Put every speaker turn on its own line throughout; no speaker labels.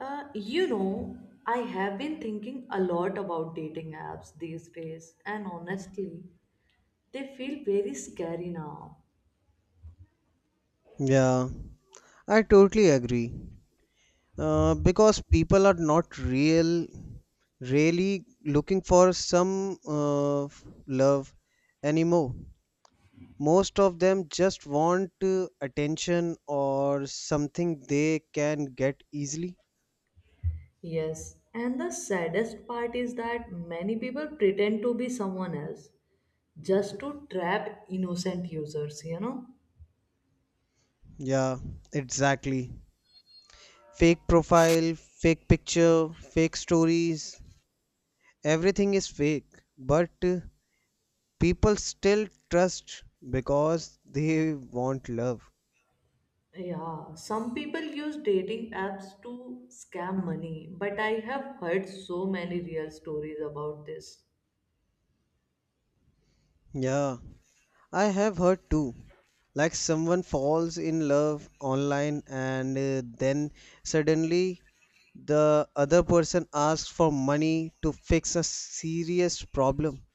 Uh, you know, I have been thinking a lot about dating apps these days, and honestly, they feel very scary now.
Yeah, I totally agree. Because people are not real, really looking for some love anymore. Most of them just want attention or something they can get easily.
Yes, and the saddest part is that many people pretend to be someone else just to trap innocent users, you know?
Yeah, exactly. Fake profile, fake picture, fake stories, everything is fake. But People still trust because they want love.
Yeah, some people use dating apps to scam money, but I have heard so many real stories about this.
Yeah, I have heard too. Like someone falls in love online and then suddenly the other person asks for money to fix a serious problem.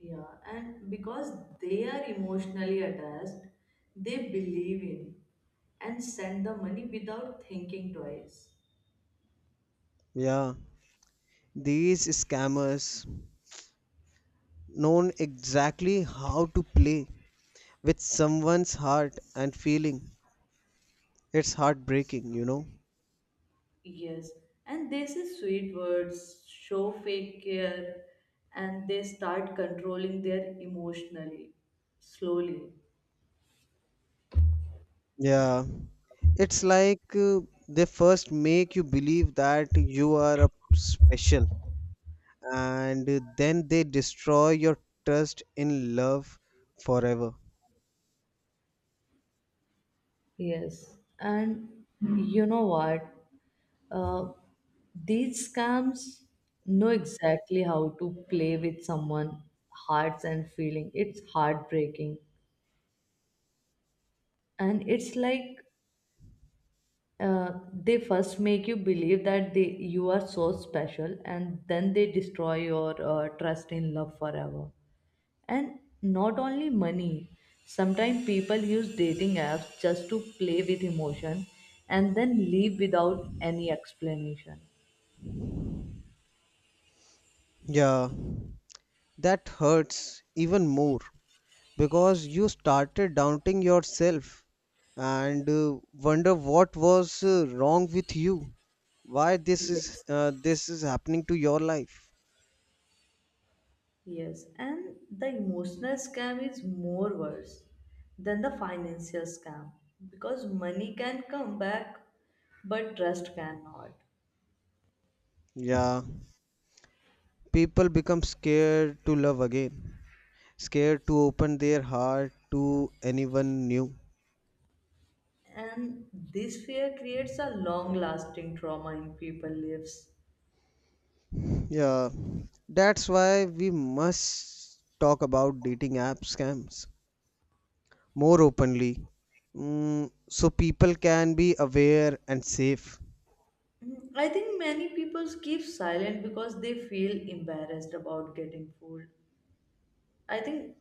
Yeah, and because they are emotionally attached, they believe in and send the money without thinking twice.
Yeah, these scammers know exactly how to play with someone's heart and feeling. It's heartbreaking.
Yes, and they say sweet words, show fake care, and they start controlling their emotionally, slowly.
Yeah, it's like they first make you believe that you are a special, and then they destroy your trust in love forever.
Yes, and you know what? Uh, these scams know exactly how to play with someone's hearts and feeling. It's heartbreaking. And it's like they first make you believe that they you are so special, and then they destroy your trust in love forever. And not only money, sometimes people use dating apps just to play with emotion and then leave without any explanation.
Yeah, that hurts even more because you started doubting yourself and wonder what was wrong with you, why this is
Yes.
uh, this is happening to your life.
Yes, and the emotional scam is more worse than the financial scam, because money can come back but trust cannot.
Yeah, people become scared to love again, scared to open their heart to anyone new.
And this fear creates a long lasting trauma in people's lives.
Yeah, that's why we must talk about dating app scams more openly, so people can be aware and safe.
Mm, I think many people keep silent because they feel embarrassed about getting fooled. I think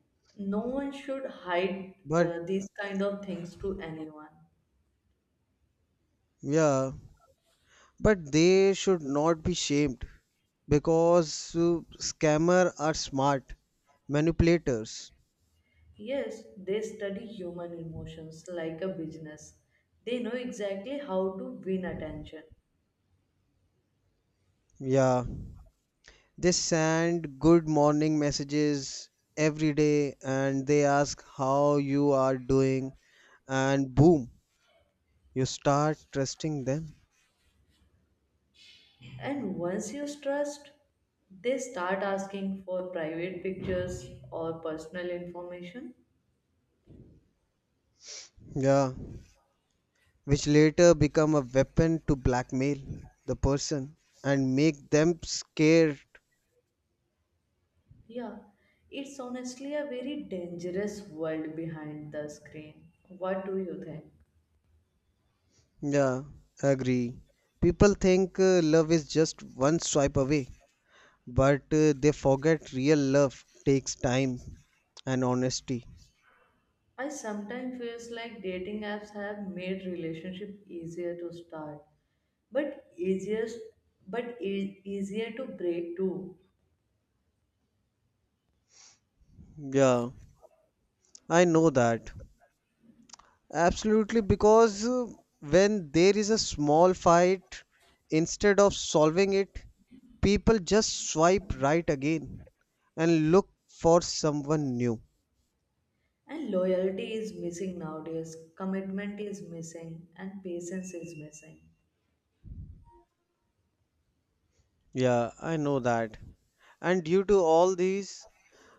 no one should hide
But
these kind of things to anyone.
yeah, but they should not be shamed because scammer are smart manipulators.
Yes, they study human emotions like a business. They know exactly how to win attention.
Yeah, they send good morning messages every day and they ask how you are doing and boom, you start trusting them.
And once you trust, they start asking for private pictures or personal information.
Yeah, which later become a weapon to blackmail the person and make them scared.
Yeah, it's honestly a very dangerous world behind the screen. What do you think?
Yeah, agree. People think love is just one swipe away, but they forget real love takes time and honesty.
I sometimes feels like dating apps have made relationship easier to start, but easier, but easier to break too.
Yeah, I know that. Absolutely, because when there is a small fight, instead of solving it, people just swipe right again and look for someone new.
And loyalty is missing nowadays. Commitment is missing, and patience is missing.
Yeah, I know that. And due to all these,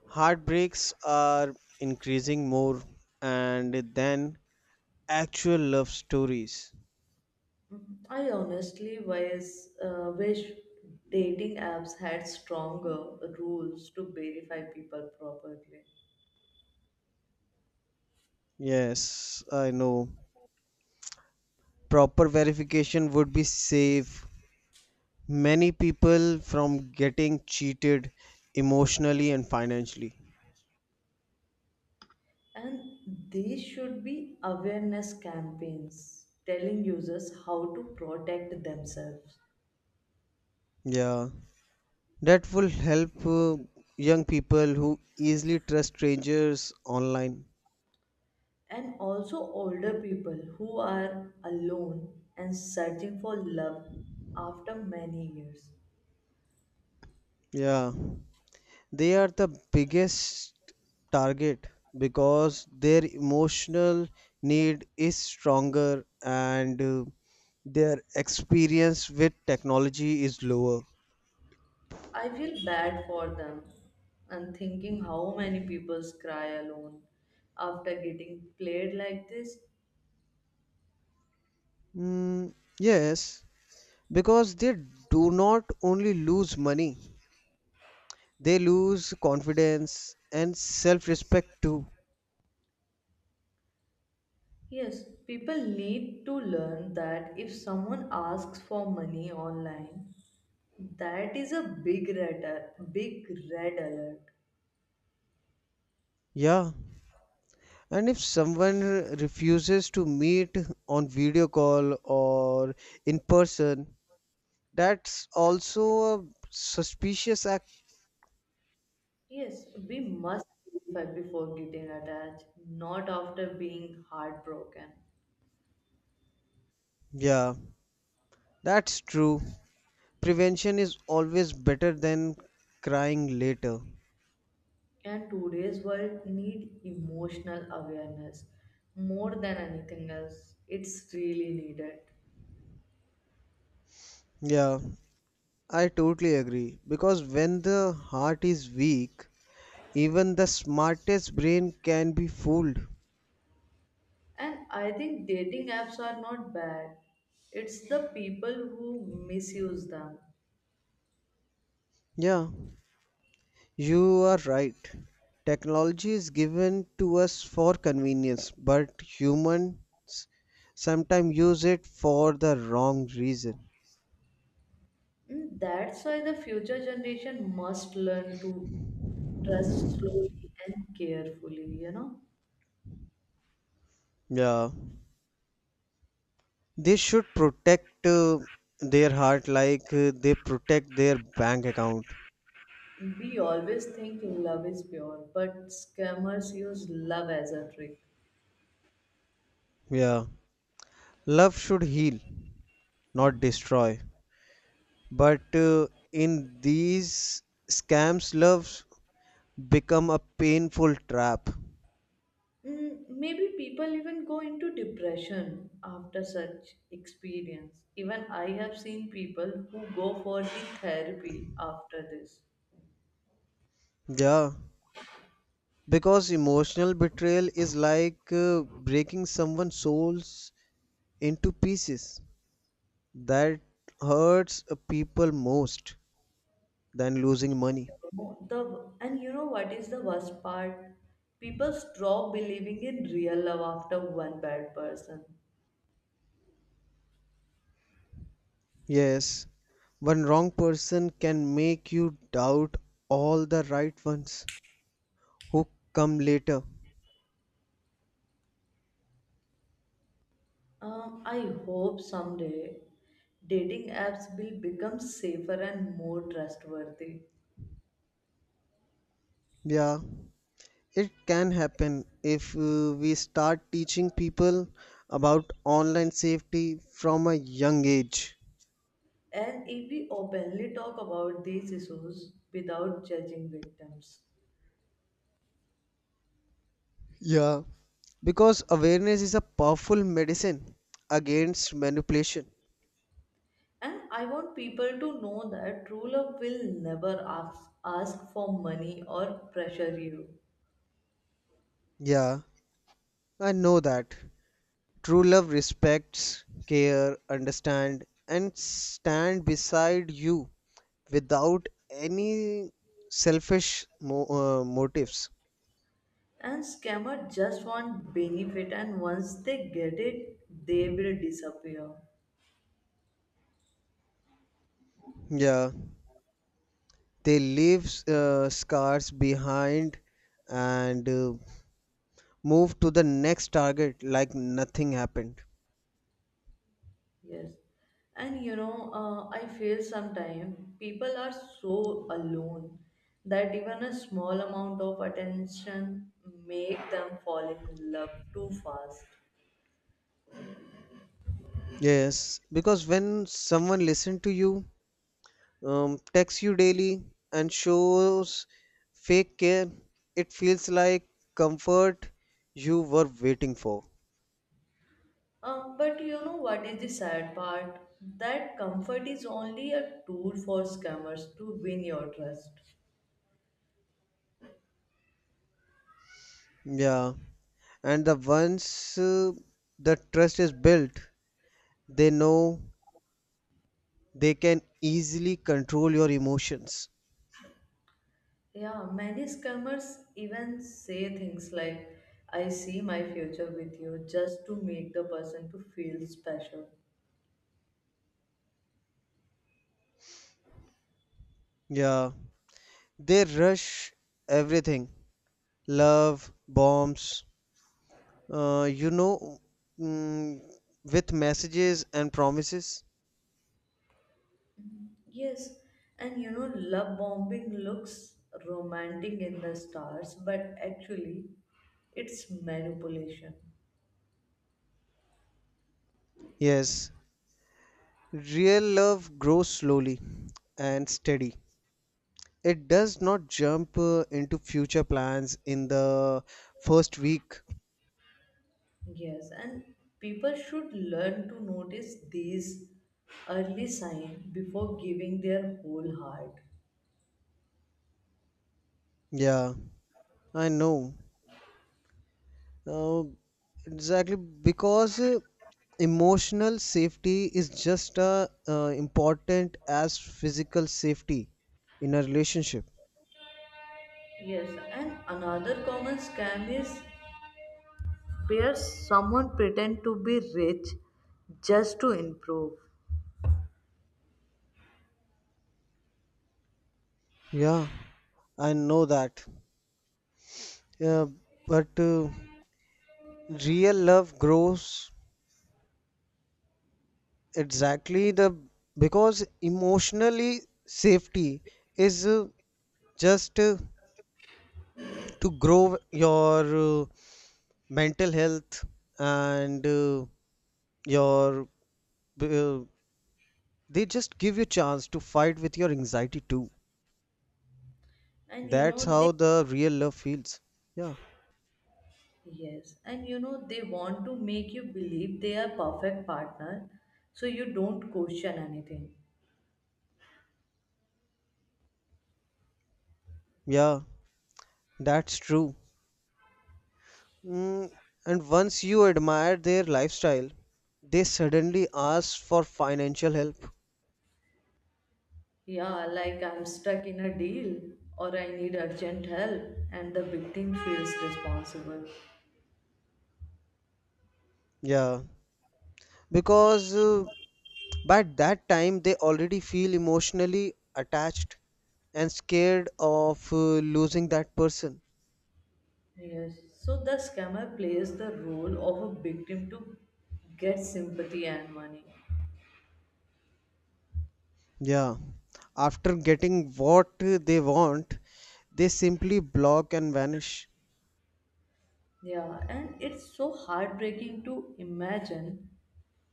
heartbreaks are increasing more and then actual love stories.
I honestly wish dating apps had stronger rules to verify people properly.
Yes, I know. Proper verification would be safe many people from getting cheated emotionally and financially.
And these should be awareness campaigns telling users how to protect themselves.
Yeah, that will help young people who easily trust strangers online.
And also, older people who are alone and searching for love after many years.
Yeah, they are the biggest target because their emotional need is stronger and their experience with technology is lower.
I feel bad for them and thinking how many people cry alone after getting played like this.
Mm, yes, because they do not only lose money, they lose confidence and self respect too.
Yes, people need to learn that if someone asks for money online, that is a big red alert.
Yeah. And if someone refuses to meet on video call or in person, that's also a suspicious act.
Yes, we must verify before getting attached, not after being heartbroken.
Yeah, that's true. Prevention is always better than crying later.
And today's world need emotional awareness more than anything else. It's really needed.
Yeah, I totally agree. Because when the heart is weak, even the smartest brain can be fooled.
And I think dating apps are not bad. It's the people who misuse them.
Yeah, you are right. Technology is given to us for convenience, but humans sometimes use it for the wrong reason.
And that's why the future generation must learn to trust slowly and carefully, you know.
Yeah. They should protect their heart like they protect their bank account.
We always think love is pure, but scammers use love as a trick.
Yeah. Love should heal, not destroy. But in these scams, loves become a painful trap.
Mm, maybe people even go into depression after such experience. Even I have seen people who go for the therapy after this.
Yeah. Because emotional betrayal is like breaking someone's souls into pieces. That hurts people most than losing money.
The and you know what is the worst part? People stop believing in real love after one bad person.
Yes, one wrong person can make you doubt all the right ones who come later.
I hope someday dating apps will become safer and more trustworthy.
Yeah, it can happen if we start teaching people about online safety from a young age.
And if we openly talk about these issues without judging victims.
Yeah, because awareness is a powerful medicine against manipulation.
And I want people to know that true love will never ask for money or pressure you.
Yeah, I know that. True love respects, care, understand, and stand beside you without any selfish motives.
And scammer just want benefit, and once they get it, they will disappear.
Yeah, they leave scars behind and move to the next target like nothing happened.
Yes. And you know, I feel sometimes people are so alone that even a small amount of attention make them fall in love too fast.
Yes, because when someone listens to you, texts you daily and shows fake care. It feels like comfort you were waiting for.
But you know what is the sad part? That comfort is only a tool for scammers to win your trust.
Yeah, and the once the trust is built, they know they can easily control your emotions.
Yeah, many scammers even say things like, I see my future with you, just to make the person to feel special.
Yeah, they rush everything love, bombs, uh, you know, mm, with messages and promises.
Yes, and you know, love bombing looks romantic in the stars, but actually, it's manipulation.
Yes, real love grows slowly and steady. It does not jump into future plans in the first week.
Yes, and people should learn to notice these early signs before giving their whole heart.
Yeah, I know. Uh, exactly, because emotional safety is just as important as physical safety in a relationship.
Yes, and another common scam is where someone pretend to be rich just to improve.
Yeah, I know that. Yeah, but real love grows exactly the because emotionally safety is just to grow your mental health and your uh, they just give you chance to fight with your anxiety too.
And you
That's
know they
how the real love feels. Yeah.
yes, and you know they want to make you believe they are perfect partner, so you don't question anything.
Yeah, that's true. mm, and once you admire their lifestyle, they suddenly ask for financial help.
Yeah, like I'm stuck in a deal or I need urgent help, and the victim feels responsible.
Yeah, because But that time, they already feel emotionally attached and scared of losing that person.
Yes. So the scammer plays the role of a victim to get sympathy and money.
Yeah. After getting what they want, they simply block and vanish.
Yeah, and it's so heartbreaking to imagine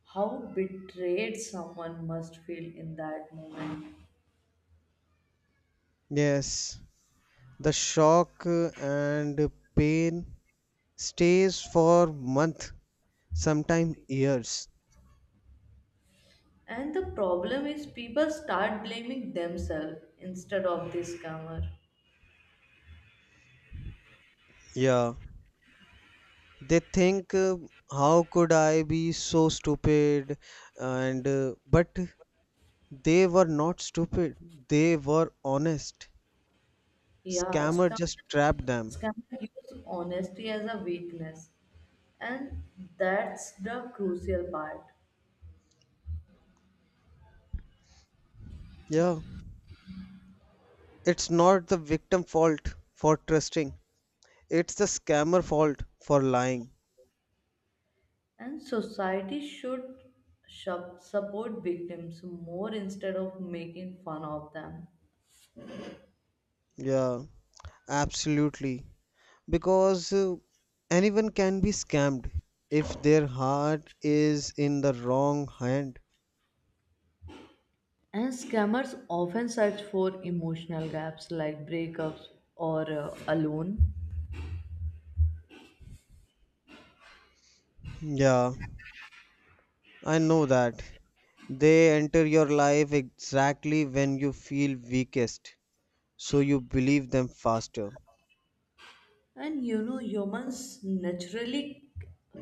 how betrayed someone must feel in that moment.
Yes. The shock and pain stays for month, sometimes years.
And the problem is people start blaming themselves instead of the scammer.
Yeah. They think, how could I be so stupid? And but they were not stupid, they were honest.
Yeah,
Scammer
scam
just trapped them.
scammers use honesty as a weakness, and that's the crucial part.
Yeah. It's not the victim fault for trusting. It's the scammer fault for lying.
And society should support victims more instead of making fun of them.
Yeah, absolutely. Because anyone can be scammed if their heart is in the wrong hand.
And scammers often search for emotional gaps like breakups or alone.
Yeah, I know that. They enter your life exactly when you feel weakest, so you believe them faster.
And you know, humans naturally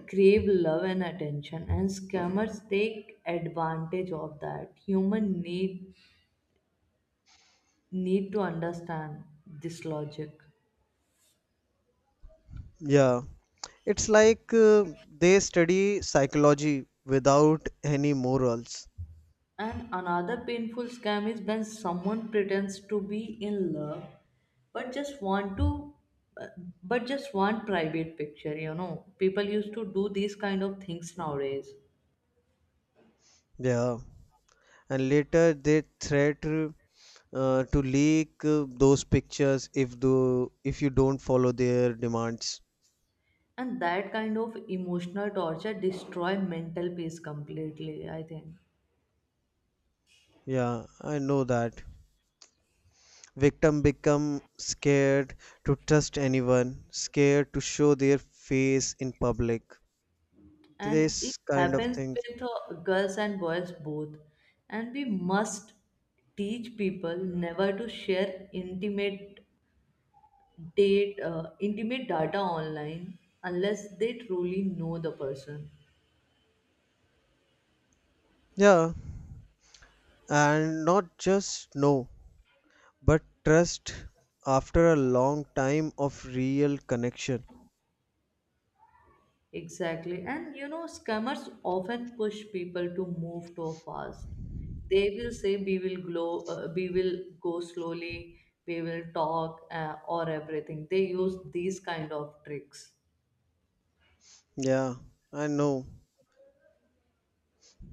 crave love and attention, and scammers take advantage of that. Human need need to understand this logic.
Yeah, it's like they study psychology without any morals.
And another painful scam is when someone pretends to be in love but just want to uh, but just want private picture, you know. People used to do these kind of things nowadays.
Yeah, and later they threat to leak those pictures if do if you don't follow their demands.
And that kind of emotional torture destroy mental peace completely, I think.
Yeah, I know that. Victim become scared to trust anyone, scared to show their face in public.
And it
This kind of
happens
thing.
with girls and boys both. And we must teach people never to share intimate data online unless they truly know the person.
Yeah, and not just no. But trust after a long time of real connection.
Exactly, and you know scammers often push people to move too fast. They will say we will go slowly, we will talk or everything, they use these kind of tricks.
Yeah, I know.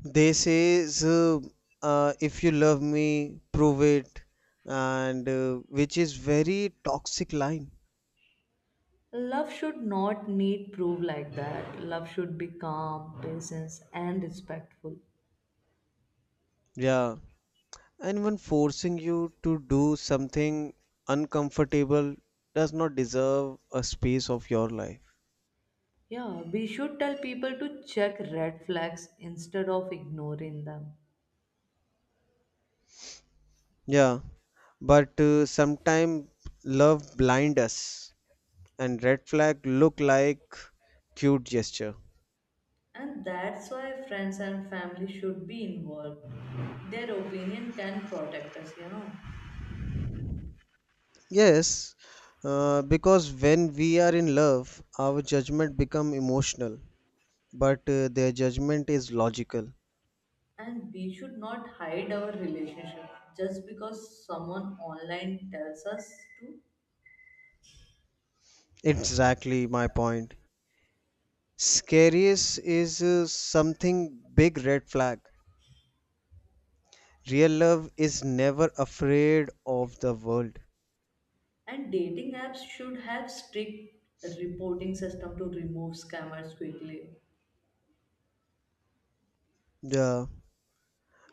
They say if you love me, prove it, and which is very toxic line.
Love should not need proof like that. Love should be calm, patience, and respectful.
Yeah, and when forcing you to do something uncomfortable does not deserve a space of your life.
Yeah, we should tell people to check red flags instead of ignoring them.
Yeah, but sometimes love blind us, and red flag look like cute gesture.
And that's why friends and family should be involved. Their opinion can protect us, you know.
Yes, because when we are in love, our judgment become emotional, but their judgment is logical.
And we should not hide our relationship just because someone online tells us to.
Exactly my point. Scariest is something big red flag. Real love is never afraid of the world.
And dating apps should have strict reporting system to remove scammers quickly.
Yeah,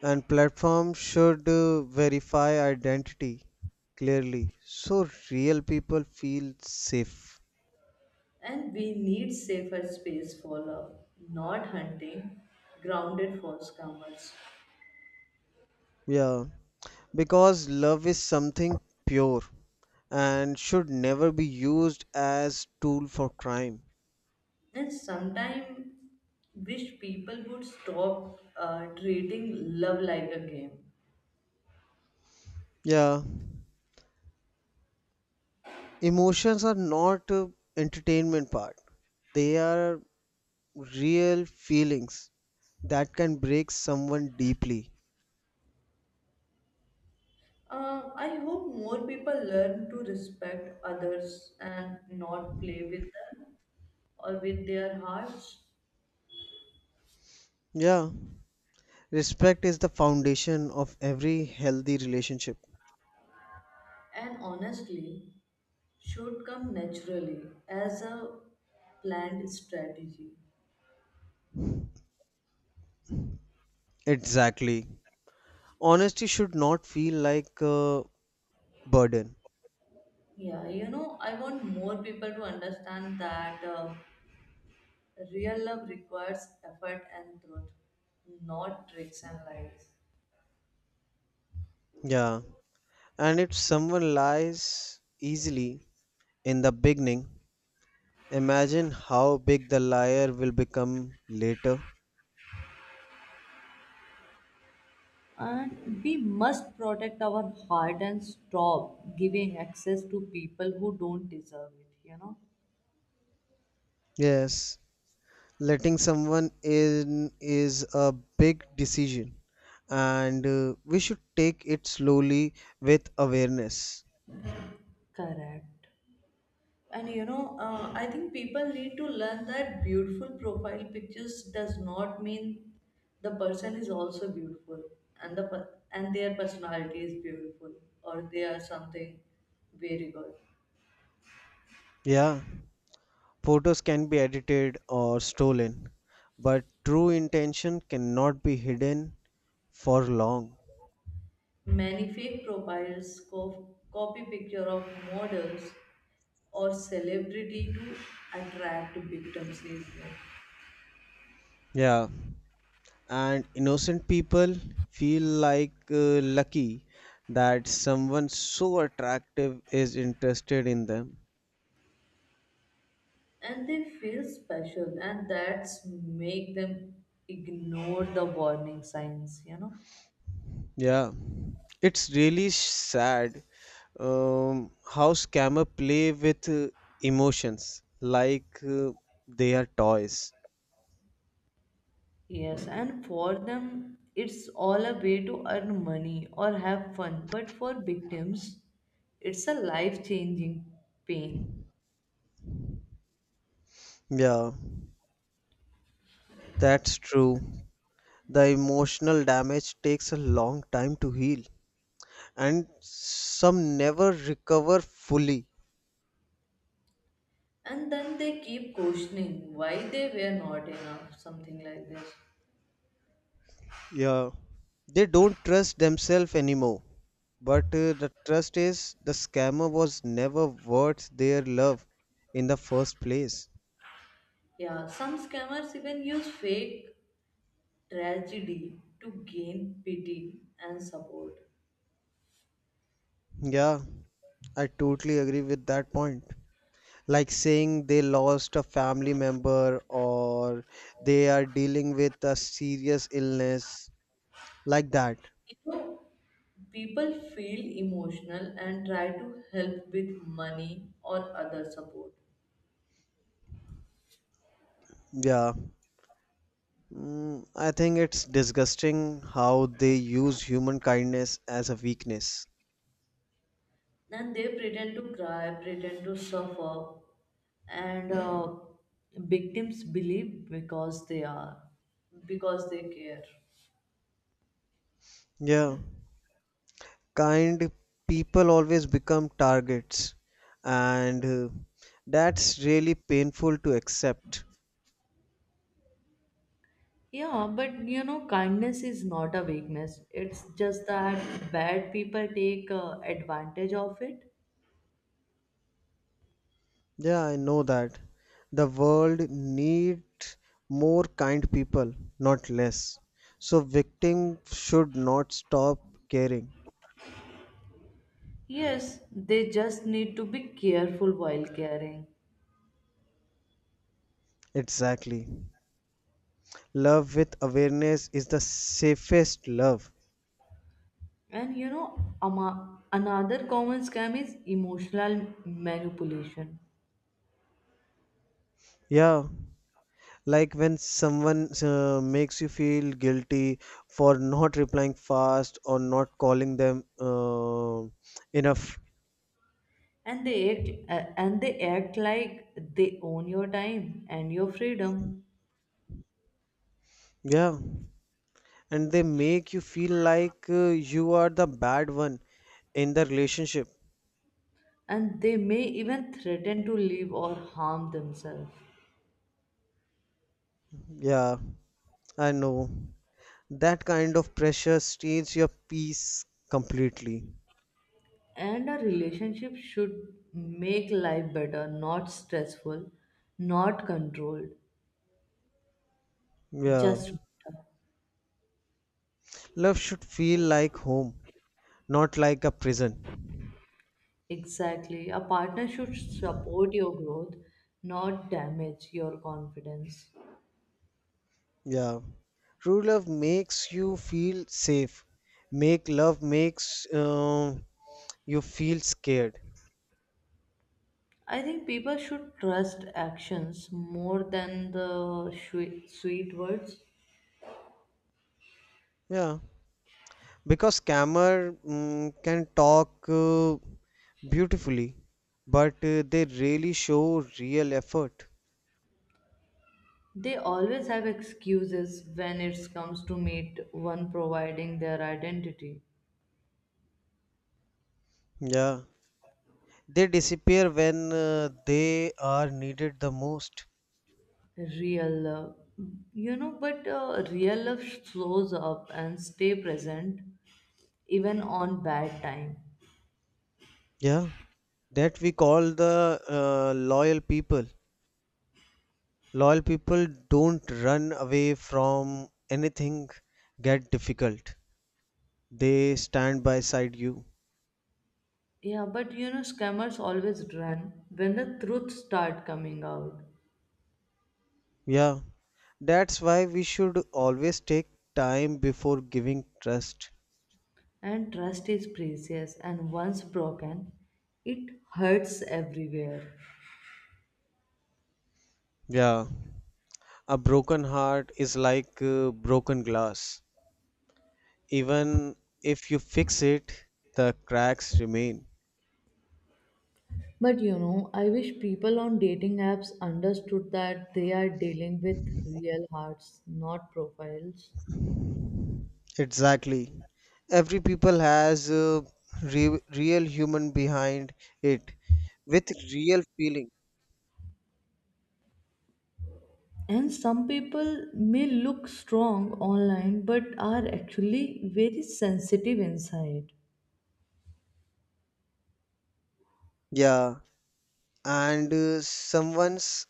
and platform should verify identity clearly so real people feel safe.
And we need safer space for love, not hunting, grounded false comers.
Yeah, because love is something pure and should never be used as tool for crime.
And sometimes wish people would stop treating love like a game.
Yeah, emotions are not a entertainment part. They are real feelings that can break someone deeply.
I hope more people learn to respect others and not play with them or with their hearts.
Yeah, respect is the foundation of every healthy relationship.
And honestly, should come naturally as a planned strategy.
Exactly. Honesty should not feel like a burden.
Yeah, you know, I want more people to understand that real love requires effort and truth, not tricks and lies.
Yeah. And if someone lies easily in the beginning, imagine how big the liar will become later.
And we must protect our heart and stop giving access to people who don't deserve it, you know?
Yes, letting someone in is a big decision, and we should take it slowly with awareness.
Correct. And you know I think people need to learn that beautiful profile pictures does not mean the person is also beautiful, and their personality is beautiful, or they are something very good.
Yeah, photos can be edited or stolen, but true intention cannot be hidden for long.
Many fake profiles copy picture of models or celebrity to attract victims easily.
Yeah. And innocent people feel like lucky that someone so attractive is interested in them.
And they feel special, and that's make them ignore the warning signs, you know.
Yeah, it's really sad. Um, how scammer play with emotions like they are toys.
Yes, and for them, it's all a way to earn money or have fun. But for victims, it's a life changing pain.
Yeah, that's true. The emotional damage takes a long time to heal, and some never recover fully.
And then they keep questioning why they were not enough, something like this.
Yeah, they don't trust themselves anymore. But the trust is the scammer was never worth their love in the first place.
Yeah, some scammers even use fake tragedy to gain pity and support.
Yeah, I totally agree with that point. Like saying they lost a family member or they are dealing with a serious illness, like that.
You know, people feel emotional and try to help with money or other support.
Yeah. I think it's disgusting how they use human kindness as a weakness.
Then they pretend to cry, pretend to suffer, and victims believe because they care.
Yeah. Kind people always become targets, and that's really painful to accept.
Yeah, but you know, kindness is not a weakness. It's just that bad people take advantage of it.
Yeah, I know that. The world needs more kind people, not less, so victim should not stop caring.
Yes, they just need to be careful while caring.
Exactly. Love with awareness is the safest love.
And you know, another common scam is emotional manipulation.
Yeah, like when someone makes you feel guilty for not replying fast or not calling them enough.
And they act like they own your time and your freedom.
Yeah, and they make you feel like you are the bad one in the relationship.
And they may even threaten to leave or harm themselves.
Yeah, I know, that kind of pressure steals your peace completely.
And a relationship should make life better, not stressful, not controlled,
Yeah,
just better.
love should feel like home, not like a prison.
Exactly, a partner should support your growth, not damage your confidence.
Yeah. True love makes you feel safe. Make love makes you feel scared.
I think people should trust actions more than the sweet words.
Yeah. Because scammer can talk beautifully, but they really show real effort.
They always have excuses when it comes to meet one providing their identity.
Yeah. They disappear when they are needed the most.
Real love. You know, but real love slows up and stay present even on bad time.
Yeah. That we call the loyal people. Loyal people don't run away from anything get difficult, they stand by side you.
Yeah, but you know, scammers always run when the truth start coming out.
Yeah, that's why we should always take time before giving trust.
And trust is precious, and once broken, it hurts everywhere.
Yeah, a broken heart is like broken glass, even if you fix it the cracks remain.
But you know, I wish people on dating apps understood that they are dealing with real hearts, not profiles.
Exactly. Every people has a real human behind it, with real feeling.
And some people may look strong online but are actually very sensitive inside.
Yeah, and someone's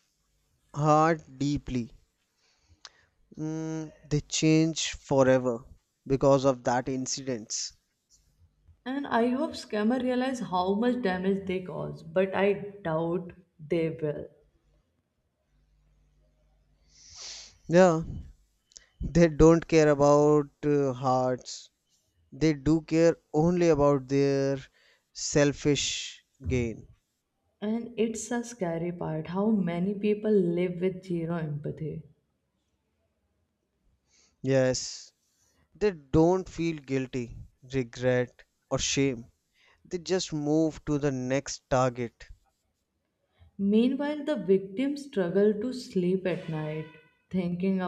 heart deeply, they change forever because of that incidents.
And I hope scammers realize how much damage they cause, but I doubt they will.
Yeah, they don't care about hearts, they do care only about their selfish gain.
And it's a scary part how many people live with zero empathy.
Yes, they don't feel guilty, regret, or shame, they just move to the next target.
Meanwhile, the victims struggle to sleep at night, thinking